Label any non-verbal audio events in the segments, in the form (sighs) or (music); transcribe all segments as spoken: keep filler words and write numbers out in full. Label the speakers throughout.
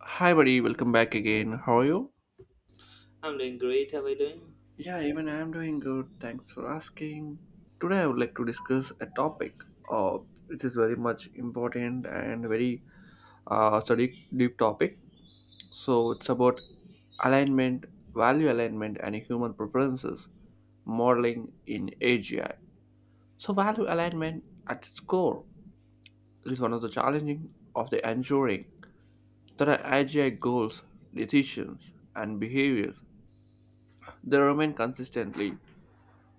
Speaker 1: Hi, buddy. Welcome back again. How are you?
Speaker 2: I'm doing great. How are you doing?
Speaker 1: Yeah, even I'm doing good. Thanks for asking. Today, I would like to discuss a topic. Uh, it is very much important and very uh, it's a deep, deep topic. So it's about alignment, value alignment, and human preferences modeling in A G I. So value alignment at its core is one of the challenging of the ensuring that our A G I goals, decisions, and behaviors they remain consistently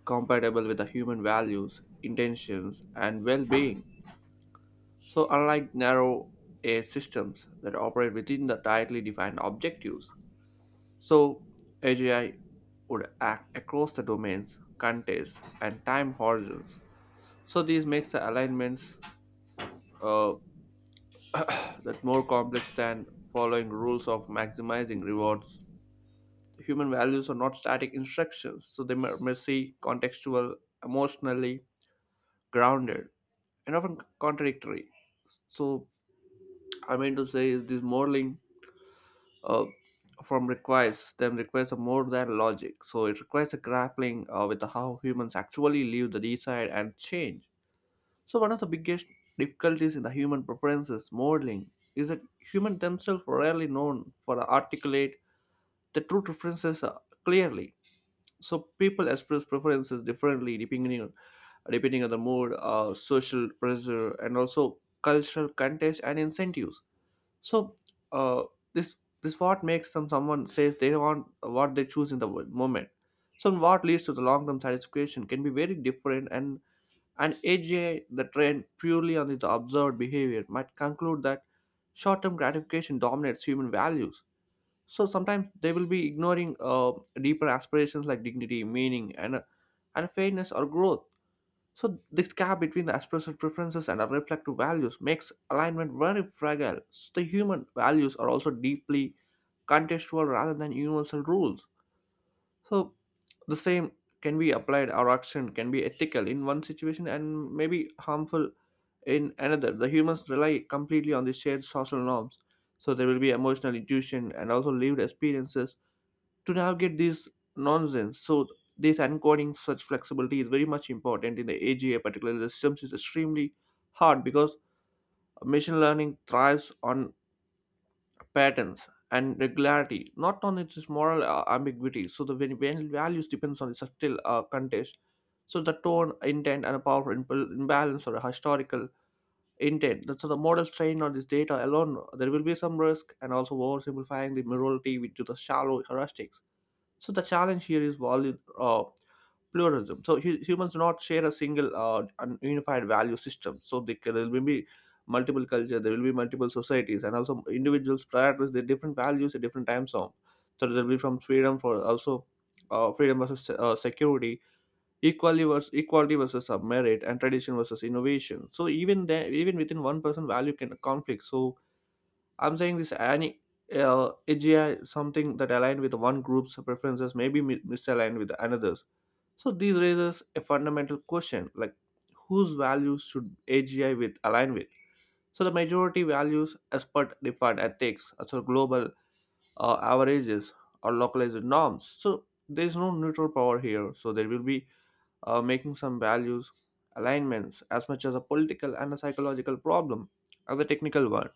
Speaker 1: compatible with the human values, intentions, and well being. So unlike narrow A I systems that operate within the tightly defined objectives, so A G I would act across the domains, contexts, and time horizons. So this makes the alignments uh, that more complex than following rules of maximizing rewards. The human values are not static instructions, so they are messy, contextual, emotionally grounded, and often contradictory. So I mean to say is this modeling uh, from requires them requires a more than logic. So it requires a grappling uh, with how humans actually live, the decide and change. So one of the biggest difficulties in the human preferences modeling is that humans themselves are rarely known for the articulate the true preferences uh, clearly. So people express preferences differently depending on depending on the mood, uh, social pressure, and also cultural context and incentives. So uh, this this what makes them someone says they want what they choose in the wo- moment. So what leads to the long term satisfaction can be very different and an A G I the trend purely on its observed behavior might conclude that short term gratification dominates human values. So sometimes they will be ignoring uh, deeper aspirations like dignity, meaning, and uh, and fairness or growth. So this gap between the expressive preferences and our reflective values makes alignment very fragile. So the human values are also deeply contextual rather than universal rules. So the same can be applied or action can be ethical in one situation and maybe harmful in another. The humans rely completely on the shared social norms. So there will be emotional intuition and also lived experiences to navigate this nonsense. So this encoding such flexibility is very much important in the A G I, particularly the systems is extremely hard because machine learning thrives on patterns and regularity, not on its moral uh, ambiguity. So the when, when values depends on the subtle uh, context. So the tone, intent, and a powerful imp- imbalance or a historical intent. That's- So the models trained on this data alone, there will be some risk and also oversimplifying the morality with to the shallow heuristics, so the challenge here is value uh, pluralism. So hu- humans do not share a single uh, un- unified value system. So they, can- there will be multiple culture, there will be multiple societies, and also individuals prioritize their different values at different time zone. So there will be from freedom for also uh, freedom versus se- uh, security, equality versus equality versus uh, merit, and tradition versus innovation. So even there, even within one person, value can conflict. So I'm saying this any uh, A G I something that aligned with one group's preferences may be mi- misaligned with another's. So this raises a fundamental question like whose values should A G I with align with? So the majority values as per defined ethics, as global uh, averages or localized norms. So there's no neutral power here. So there will be uh, making some values alignments as much as a political and a psychological problem as a technical one.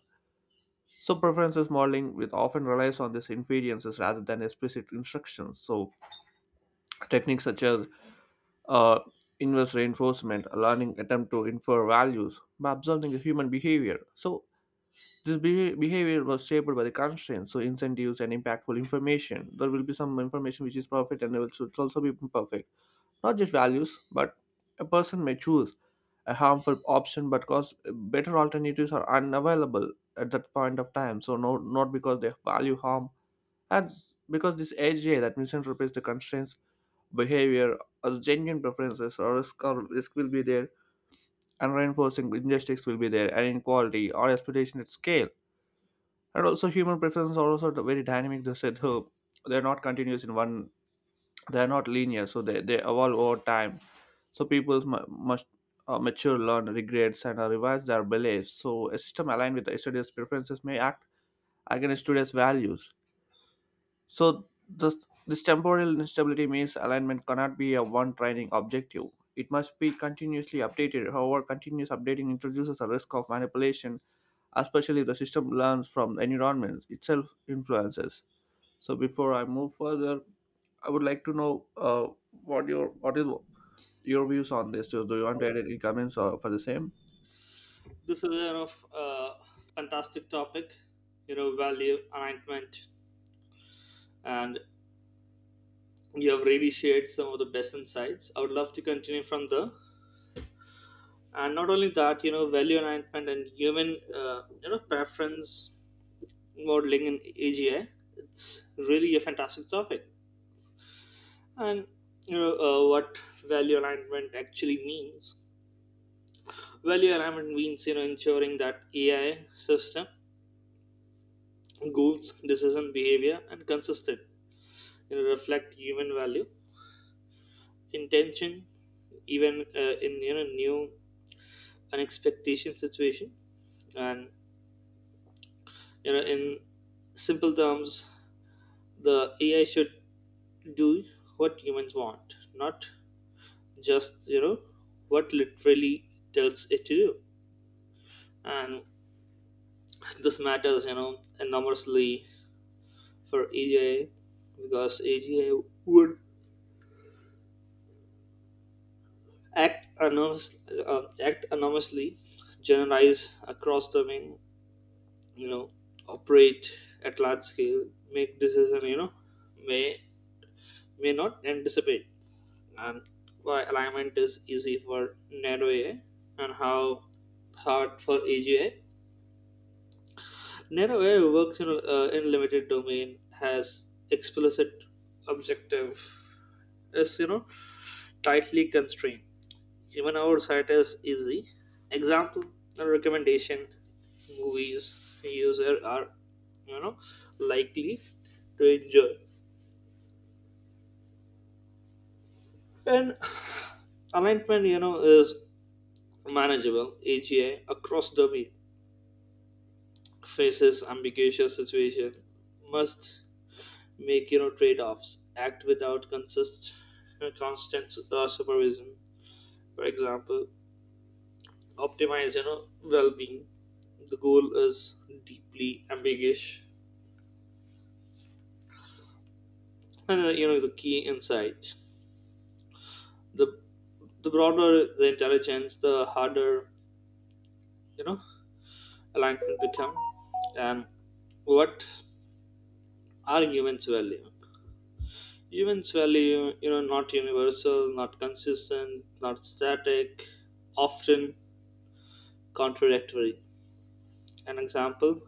Speaker 1: So preferences modeling with often relies on these inferences rather than explicit instructions. So techniques such as uh, inverse reinforcement, a learning attempt to infer values by observing the human behavior. So this beha- behavior was shaped by the constraints, so incentives and impactful information. There will be some information which is perfect and there will should also be imperfect. Not just values, but a person may choose a harmful option but because better alternatives are unavailable at that point of time. So no, not because they value harm, and because this A J that misinterprets the constraints, behavior, as genuine preferences or risk, or risk will be there, and reinforcing injustice will be there, and inequality or exploitation at scale. And also human preferences are also very dynamic. They said, oh, they're not continuous in one, they're not linear, so they, they evolve over time. So people mu must uh, mature learn regrets and uh, revise their beliefs. So a system aligned with a student's preferences may act against students values. So this, this temporal instability means alignment cannot be a one training objective. It must be continuously updated. However, continuous updating introduces a risk of manipulation, especially if the system learns from the environment itself influences. So before I move further, I would like to know uh, what your what is your views on this. So do you want to
Speaker 2: Well,
Speaker 1: add any comments uh, for the same?
Speaker 2: this is you know, f- a fantastic topic. You know, value alignment, and you have really shared some of the best insights. I would love to continue from there. And not only that, you know, value alignment and human, uh, you know, preference modeling in A G I. It's really a fantastic topic. And you know uh, what value alignment actually means. Value alignment means you know ensuring that A I system goals, decision behavior, and consistent, you know, reflect human value, intention, even uh, in you know new unexpected situation, and you know in simple terms, the A I should do what humans want, not just you know what literally tells it to do. And this matters, you know, enormously for A G I because A G I would act enormous, uh, act enormously, generalize across the main, you know, operate at large scale, make decision, you know, may may not anticipate, and why alignment is easy for narrow A I and how hard for A G I. Narrow A I works in, uh, in limited domain, has explicit objective, is you know tightly constrained. Even our site is easy. Example, a recommendation movies user are you know likely to enjoy. And alignment you know is manageable. A G I across the week faces ambiguous situation, must make you know trade-offs. Act without consist constant uh, supervision. For example, optimize you know well-being, the goal is deeply ambiguous. And uh, you know the key insights, the the broader the intelligence, the harder you know alignment become. And what are humans value? Humans value, you know not universal, not consistent, not static, often contradictory. An example: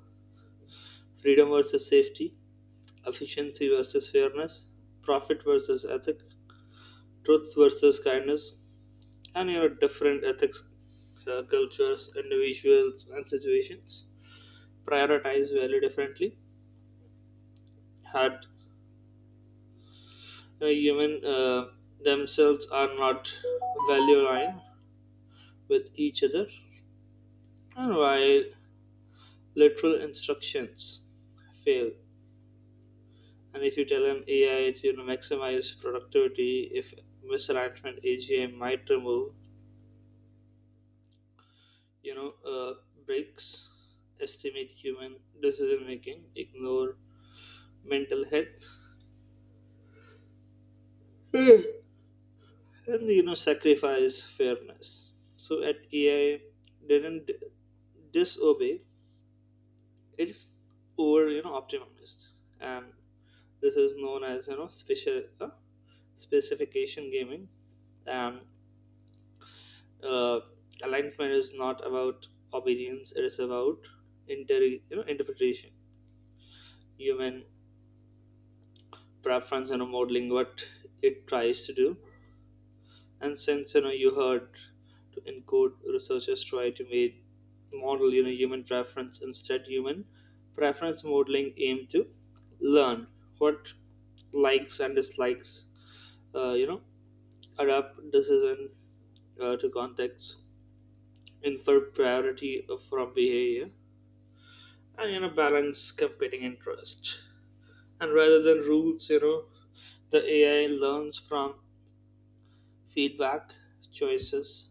Speaker 2: freedom versus safety, efficiency versus fairness, profit versus ethic, truth versus kindness, and your different ethics, uh, cultures, individuals, and situations prioritize value differently. Had uh, human uh, Themselves are not value aligned with each other. And while literal instructions fail, and if you tell an A I to, you know, maximize productivity, if misalignment, A G I might remove, you know, uh, breaks, estimate human decision making, ignore mental health, (sighs) and, you know, sacrifice fairness. So at A I didn't d- disobey; it over, you know optimized, and this is known as, you know special uh, specification gaming, and uh, alignment is not about obedience; it is about inter you know interpretation. Human preference, you know modeling, what it tries to do. And since, you know you heard to encode, researchers try to make model, you know human preference. Instead, human preference modeling aim to learn what likes and dislikes, uh, you know adapt decision uh, to context, infer priority from behavior, and you know balance competing interest. And rather than rules, you know the ai learns from feedback, choices,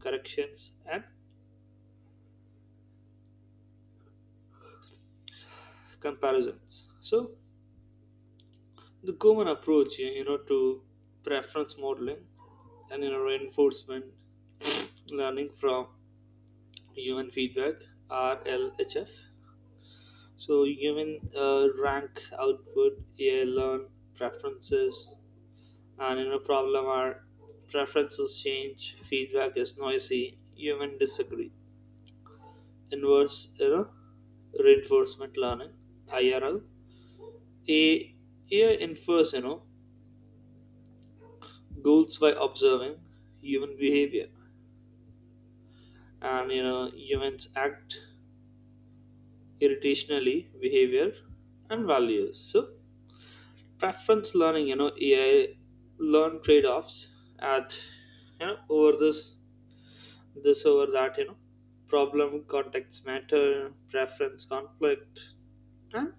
Speaker 2: corrections, and comparisons. So the common approach, you know, to preference modeling and, you know reinforcement learning from human feedback (R L H F). So human uh, rank output, yeah, learn preferences, and, you know problem are preferences change, feedback is noisy, human disagree. Inverse, you know, reinforcement learning (I R L). A AI infers, you know, goals by observing human behavior, and, you know, humans act irritationally behavior and values. So, preference learning, you know, A I learn trade-offs at, you know over this this over that, you know, problem context matter, preference conflict, and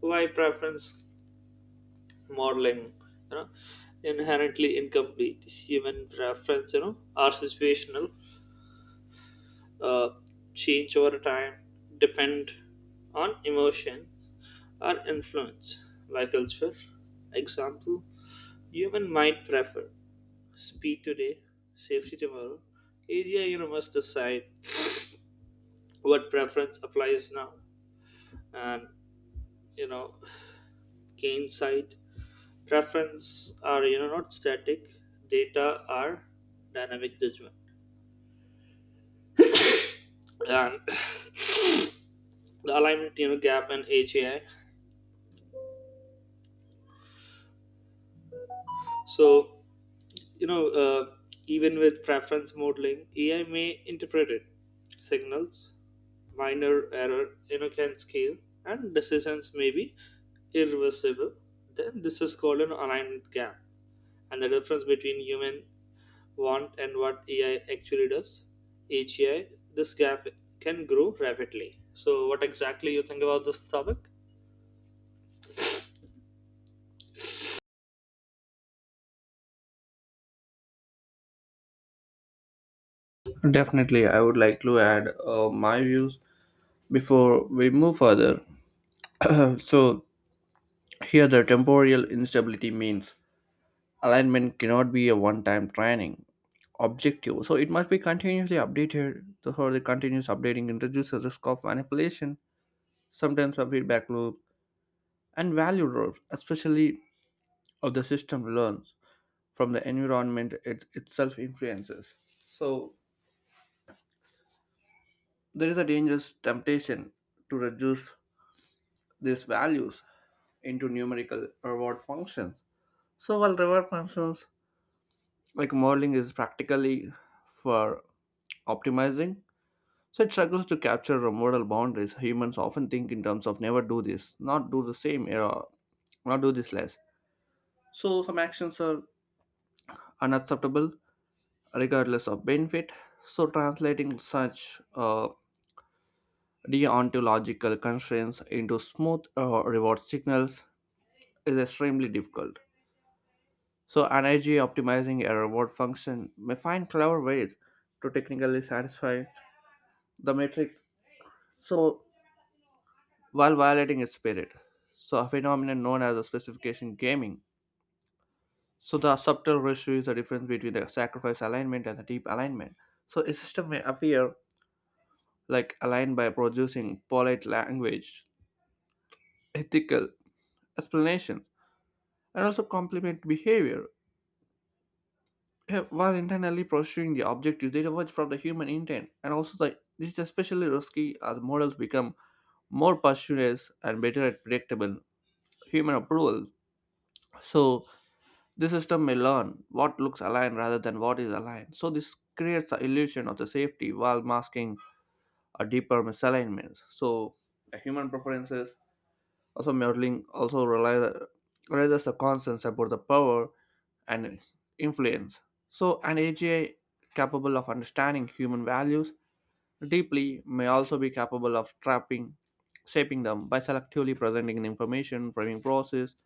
Speaker 2: why preference modeling, you know, inherently incomplete. Human preference, you know, are situational, uh, change over time, depend on emotion, are influenced by culture. Example: human might prefer speed today, safety tomorrow. Area, you know, must decide what preference applies now, and, you know, gain sight. Preference are, you know not static. Data are dynamic judgment. And the alignment, you know gap and H A I. So, you know uh, even with preference modeling, A I may interpret it signals, minor error, you know can scale, and decisions may be irreversible. Then this is called an alignment gap, and the difference between human want and what A I actually does. H A I, this gap can grow rapidly. So what exactly you think about this topic?
Speaker 1: Definitely, I would like to add uh, my views before we move further. (clears throat) So here, the temporal instability means alignment cannot be a one-time training objective. So it must be continuously updated. So the continuous updating introduces risk of manipulation, sometimes a feedback loop, and value drops, especially of the system learns from the environment it itself influences. So there is a dangerous temptation to reduce these values into numerical reward functions. So while reward functions like modeling is practically for optimizing, so it struggles to capture the moral boundaries. Humans often think in terms of never do this, not do the same, or not do this less. So some actions are unacceptable regardless of benefit. So translating such uh, deontological constraints into smooth uh, reward signals is extremely difficult. So an energy optimizing a reward function may find clever ways to technically satisfy the metric, so while violating its spirit. So a phenomenon known as the specification gaming. So the subtle ratio is the difference between the sacrifice alignment and the deep alignment. So a system may appear like aligned by producing polite language, ethical explanations, and also complement behavior, yeah, while intentionally pursuing the objectives they diverge from the human intent. And also the, this is especially risky as models become more precise and better at predictable human approval. So the system may learn what looks aligned rather than what is aligned. So this creates the illusion of the safety while masking a deeper misalignment. So the human preferences also modeling also realize, realizes the concerns about the power and influence. So an A G I capable of understanding human values deeply may also be capable of trapping, shaping them by selectively presenting information, framing process,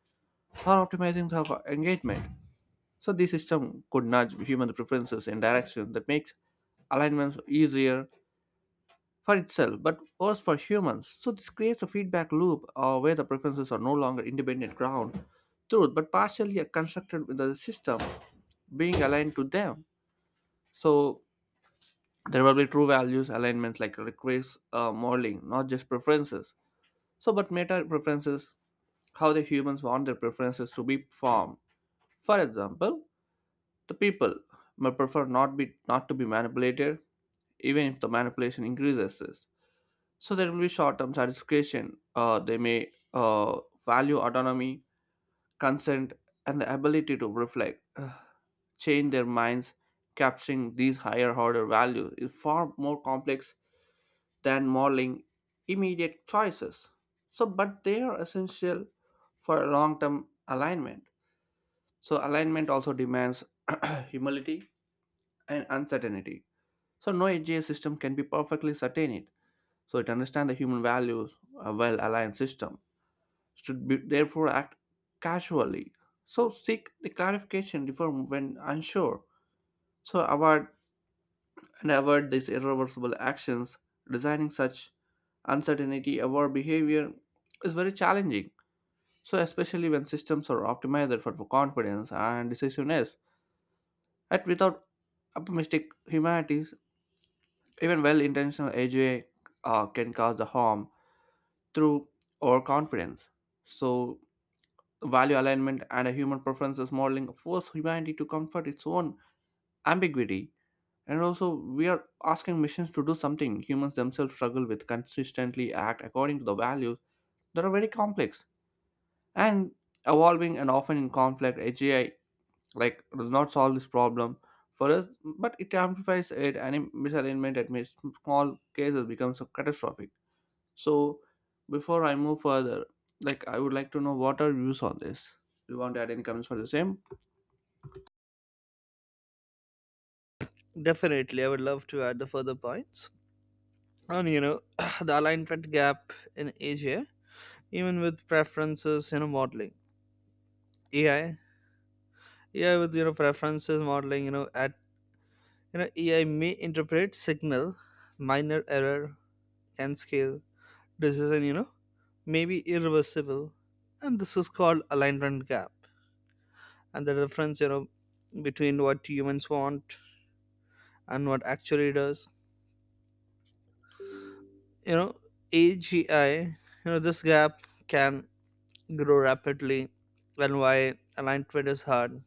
Speaker 1: or optimizing the engagement. So this system could nudge human preferences in directions that makes alignments easier for itself, but worse for humans. So this creates a feedback loop uh, where the preferences are no longer independent ground truth, but partially constructed with the system being aligned to them. So there will be true values alignments like requires uh, modeling, not just preferences. So, but meta preferences, how the humans want their preferences to be formed. For example, the people may prefer not be not to be manipulated, even if the manipulation increases. So there will be short-term satisfaction. Uh, they may uh, value autonomy, consent, and the ability to reflect, uh, change their minds. Capturing these higher order values is far more complex than modeling immediate choices. So, but they are essential for long-term alignment. So alignment also demands (clears throat) humility and uncertainty. So no A G I system can be perfectly certain it. So it understands the human values, a well-aligned system should be therefore act casually. So seek the clarification before when unsure. So avoid and avoid these irreversible actions. Designing such uncertainty aware behavior is very challenging. So especially when systems are optimized for confidence and decisiveness. Yet without optimistic humanities, even well-intentioned A J uh, can cause the harm through overconfidence. So value alignment and a human preferences modeling force humanity to comfort its own ambiguity. And also we are asking machines to do something humans themselves struggle with, consistently act according to the values that are very complex and evolving and often in conflict. AGI like does not solve this problem for us, but it amplifies it, and misalignment at mis- small cases becomes so catastrophic. So before I move further, like I would like to know what are your views on this. Do you want to add any comments for the same?
Speaker 2: Definitely, I would love to add the further points. And you know (clears throat) the alignment gap in A G I, even with preferences, you know modeling, A I A I with, you know preferences modeling, you know at you know A I may interpret signal, minor error can scale, decision, you know may be irreversible, and this is called alignment gap, and the difference, you know between what humans want and what actually does, you know A G I, you know this gap can grow rapidly. And why alignment is hard?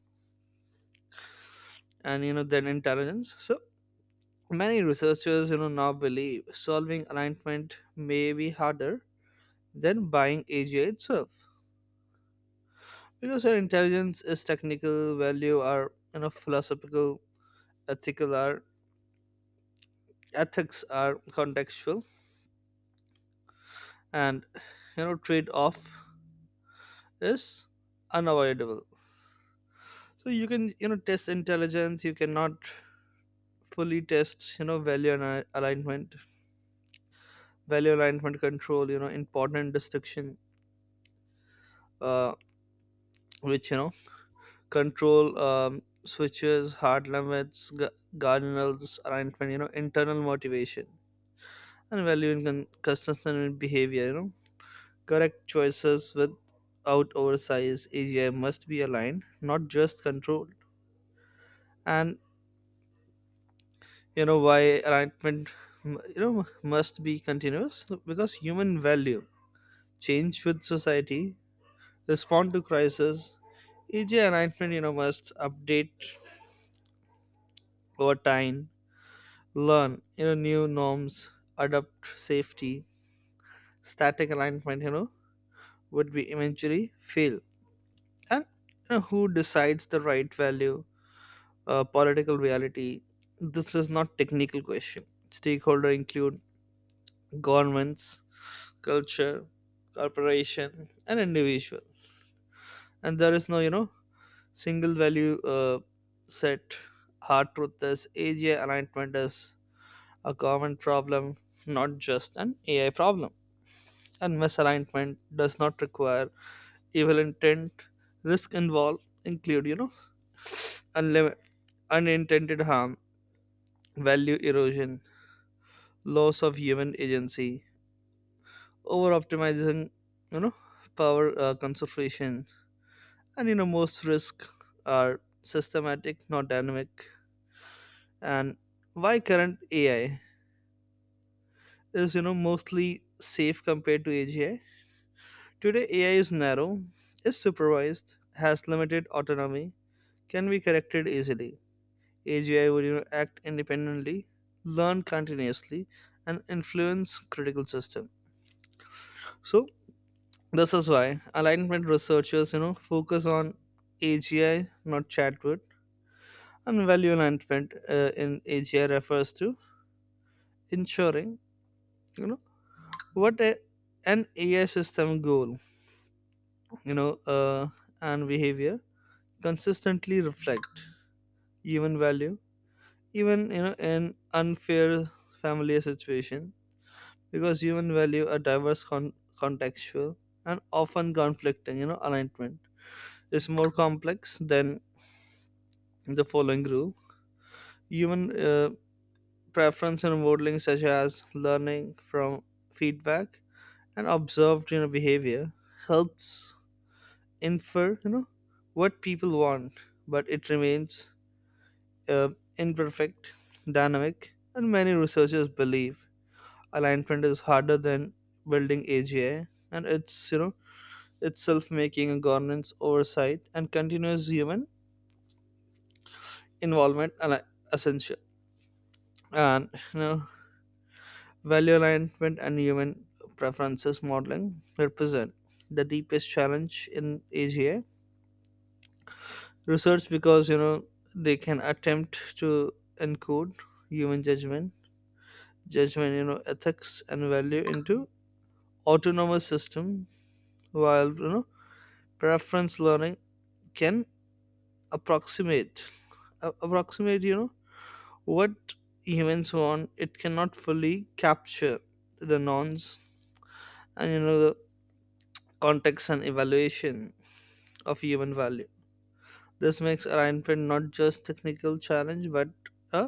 Speaker 2: And, you know then intelligence, so many researchers, you know now believe solving alignment may be harder than buying A G I itself, because our intelligence is technical, value are, you know philosophical, ethical, are ethics are contextual, and, you know trade off is unavoidable. So you can, you know test intelligence, you cannot fully test, you know value and al- alignment. Value alignment control, you know important distinction, uh, which you know control um, switches, hard limits, gu- guardrails, alignment, you know internal motivation and value in con- consistent in behavior, you know correct choices without oversize. AGI must be aligned, not just controlled. And, you know why alignment m- you know must be continuous, because human value change with society, respond to crisis. E J alignment, you know must update over time, learn, you know new norms, adapt safety. Static alignment, you know would be eventually fail. And, you know, who decides the right value? Uh, political reality. This is not technical question. Stakeholder include governments, culture, corporations, and individuals. And there is no, you know single value uh, set. Hard truth is, A G I alignment is a common problem, not just an A I problem. And misalignment does not require evil intent. Risk involved include, you know, unlim- unintended harm, value erosion, loss of human agency, over optimizing, you know, power uh, concentration. And, you know, most risks are systematic, not dynamic. And why current A I is, you know mostly safe compared to A G I? Today, A I is narrow, is supervised, has limited autonomy, can be corrected easily. A G I would, you know, act independently, learn continuously, and influence critical system. So this is why alignment researchers, you know focus on A G I, not chatbot. And value alignment, uh, in A G I refers to ensuring, you know what a, an A I system goal, you know uh, and behavior consistently reflect human value, even, you know in unfair family situation. Because human value are diverse, con- contextual, and often conflicting, you know alignment is more complex than the following rule. Human uh, preference and modeling, such as learning from feedback and observed, you know behavior, helps infer, you know what people want, but it remains, uh, imperfect, dynamic, and many researchers believe alignment is harder than building A G I, and it's, you know itself making a governance oversight and continuous human involvement ali- essential. And, you know value alignment and human preferences modeling represent the deepest challenge in A G I research, because, you know they can attempt to encode human judgment judgment, you know ethics and value into autonomous system. While, you know preference learning can approximate a- approximate, you know what humans want, it cannot fully capture the norms and, you know the context and evaluation of human value. This makes alignment not just technical challenge but a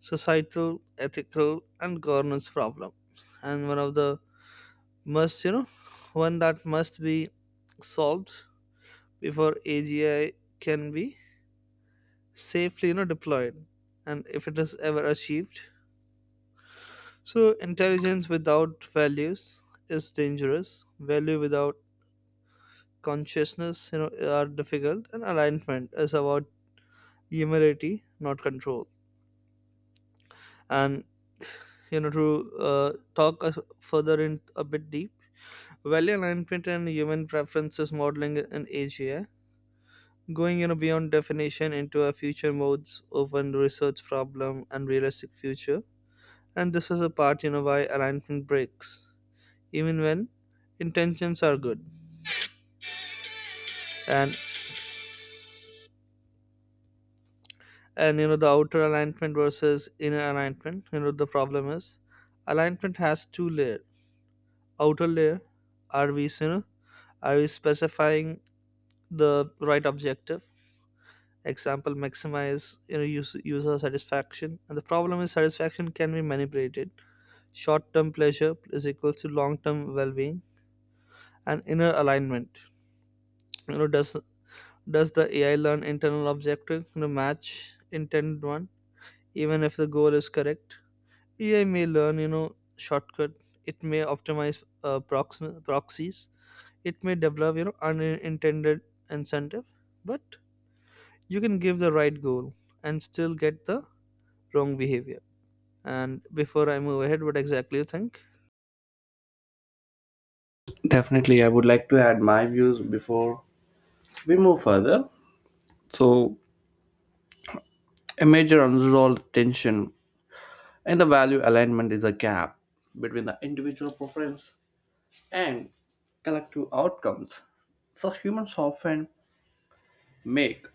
Speaker 2: societal, ethical, and governance problem, and one of the must you know one that must be solved before A G I can be safely, you know deployed, and if it is ever achieved. So intelligence without values is dangerous, value without consciousness, you know are difficult, and alignment is about humility, not control. And, you know to uh, talk a- further in a bit deep, value alignment and human preferences modeling in A G I, going, you know beyond definition into a future modes, open research problem, and realistic future. And this is a part, you know, why alignment breaks, even when intentions are good. And and you know the outer alignment versus inner alignment. You know the problem is, alignment has two layers. Outer layer, are we, you know are we specifying the right objective? Example, maximize, you know use, user satisfaction. And the problem is satisfaction can be manipulated. Short-term pleasure is equals to long-term well-being. And inner alignment, you know does does the A I learn internal objective to match intended one, even if the goal is correct? A I may learn, you know, shortcut. It may optimize uh, proxi- proxies. It may develop, you know, unintended incentive. But you can give the right goal and still get the wrong behavior. And before I move ahead, what exactly you think?
Speaker 1: Definitely, I would like to add my views before we move further. So a major unresolved tension in the value alignment is a gap between the individual preference and collective outcomes. So humans often make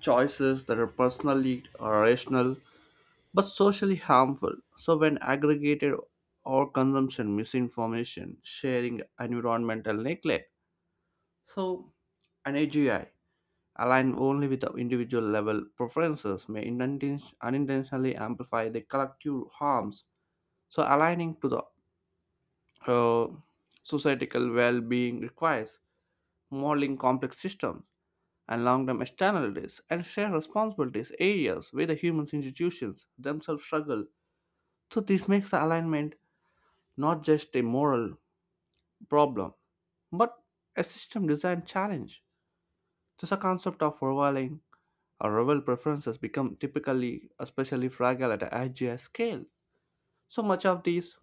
Speaker 1: choices that are personally or rational but socially harmful. So when aggregated or consumption, misinformation, sharing, environmental neglect, so an A G I aligned only with the individual level preferences may uninten- unintentionally amplify the collective harms. So, aligning to the uh, societal well being requires modeling complex systems and long term externalities and shared responsibilities, areas where the human institutions themselves struggle. So, this makes the alignment not just a moral problem but a system design challenge. There's a concept of overlaying our rival preferences become typically especially fragile at a I G S scale. So much of these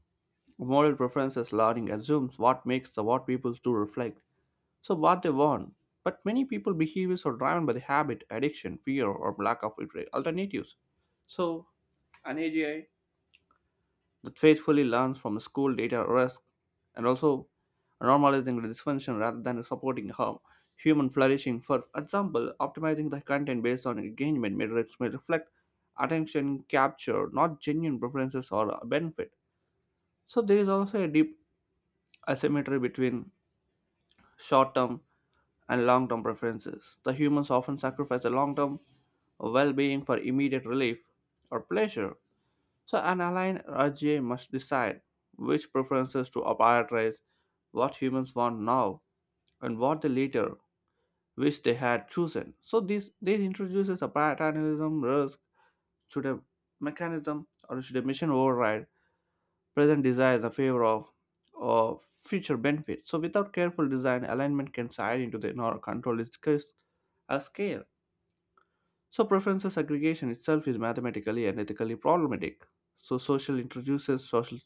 Speaker 1: moral preferences learning assumes what makes the what people do reflect, so what they want. But many people behaviors are driven by the habit, addiction, fear, or lack of alter- alternatives. So an A G I that faithfully learns from school data risk and also normalizing the dysfunction rather than supporting harm. Human flourishing, for example, optimizing the content based on engagement metrics may reflect attention capture, not genuine preferences or benefit. So there is also a deep asymmetry between short-term and long-term preferences. The humans often sacrifice the long-term well-being for immediate relief or pleasure. So an aligned R G A must decide which preferences to prioritize, what humans want now, and what they later wish they had chosen. So this this introduces a paternalism risk, should a mechanism or should a mission override present desires in favor of or future benefits. So without careful design, alignment can slide into the nor control its case a scale. So preferences aggregation itself is mathematically and ethically problematic. So social introduces social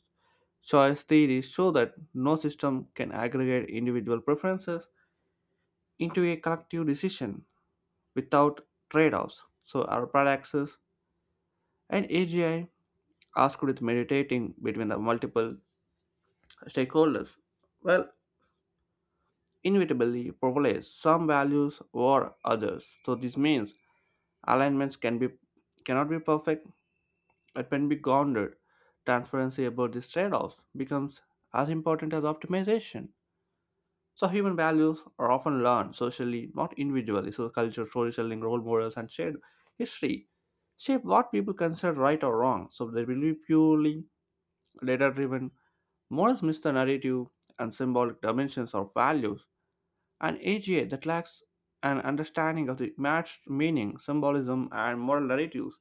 Speaker 1: choice theories show that no system can aggregate individual preferences into a collective decision without trade offs. So, our praxis and A G I asked with meditating between the multiple stakeholders, well, inevitably privilege some values over others. So, this means alignments can be cannot be perfect, it can be grounded. Transparency about these trade offs becomes as important as optimization. So human values are often learned socially, not individually. So culture, storytelling, role models, and shared history shape what people consider right or wrong. So they will be purely data-driven. Morals miss the narrative and symbolic dimensions of values. An A G A that lacks an understanding of the matched meaning, symbolism, and moral narratives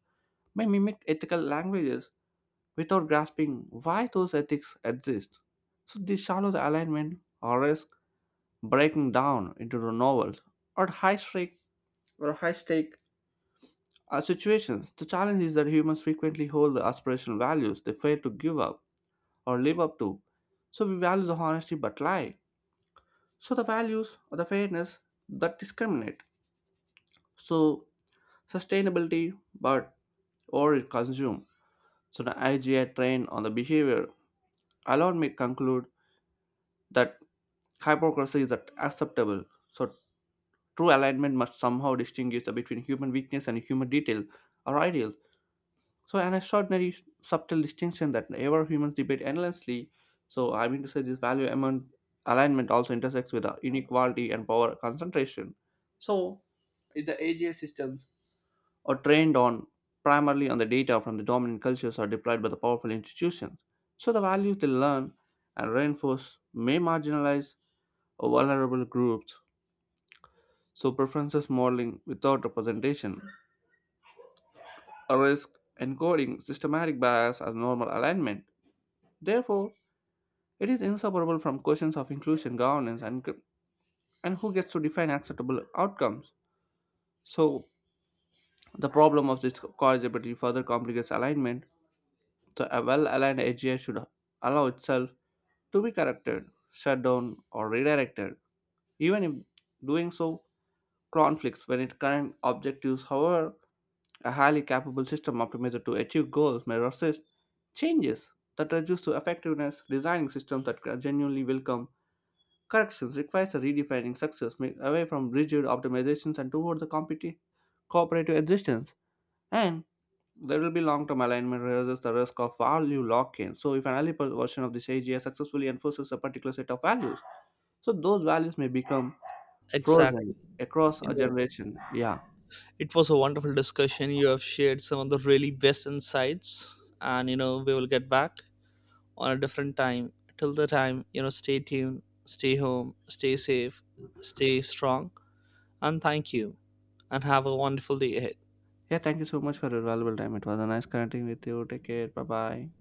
Speaker 1: may mimic ethical languages without grasping why those ethics exist. So this shallow the alignment or risk breaking down into the novels or high stake or high stake uh, situations. The challenge is that humans frequently hold the aspirational values they fail to give up or live up to. So we value the honesty but lie. So the values or the fairness that discriminate. So sustainability but or it consume. So the I G I train on the behavior allowed me conclude that hypocrisy is acceptable. So true alignment must somehow distinguish the- between human weakness and human detail or ideal. So, an extraordinary subtle distinction that ever humans debate endlessly. So, I mean to say, this value amount alignment also intersects with the inequality and power concentration. So, if the A G I systems are trained on primarily on the data from the dominant cultures are deployed by the powerful institutions. So, the values they learn and reinforce may marginalize vulnerable groups, so preferences modeling without representation risk encoding systematic bias as normal alignment. Therefore, it is inseparable from questions of inclusion, governance, and gr- and who gets to define acceptable outcomes. So the problem of this corrigibility further complicates alignment. So a well-aligned A G I should allow itself to be corrected, shut down, or redirected, even if doing so conflicts when it current objectives. However, a highly capable system optimizer to achieve goals may resist changes that reduce to effectiveness. Designing systems that genuinely welcome corrections requires a redefining success ma- away from rigid optimizations and toward the competi- cooperative existence. And there will be long-term alignment raises the risk of value lock-in. So if an early per- version of this A G I successfully enforces a particular set of values, so those values may become
Speaker 2: Exactly.
Speaker 1: frozen across
Speaker 2: You
Speaker 1: a
Speaker 2: know,
Speaker 1: generation. Yeah.
Speaker 2: it was a wonderful discussion. You have shared some of the really best insights, and, you know, we will get back on a different time. Till the time, you know, stay tuned, stay home, stay safe, stay strong, and thank you. And have a wonderful day ahead.
Speaker 1: Yeah, thank you so much for your valuable time. It was a nice connecting with you. Take care. Bye bye.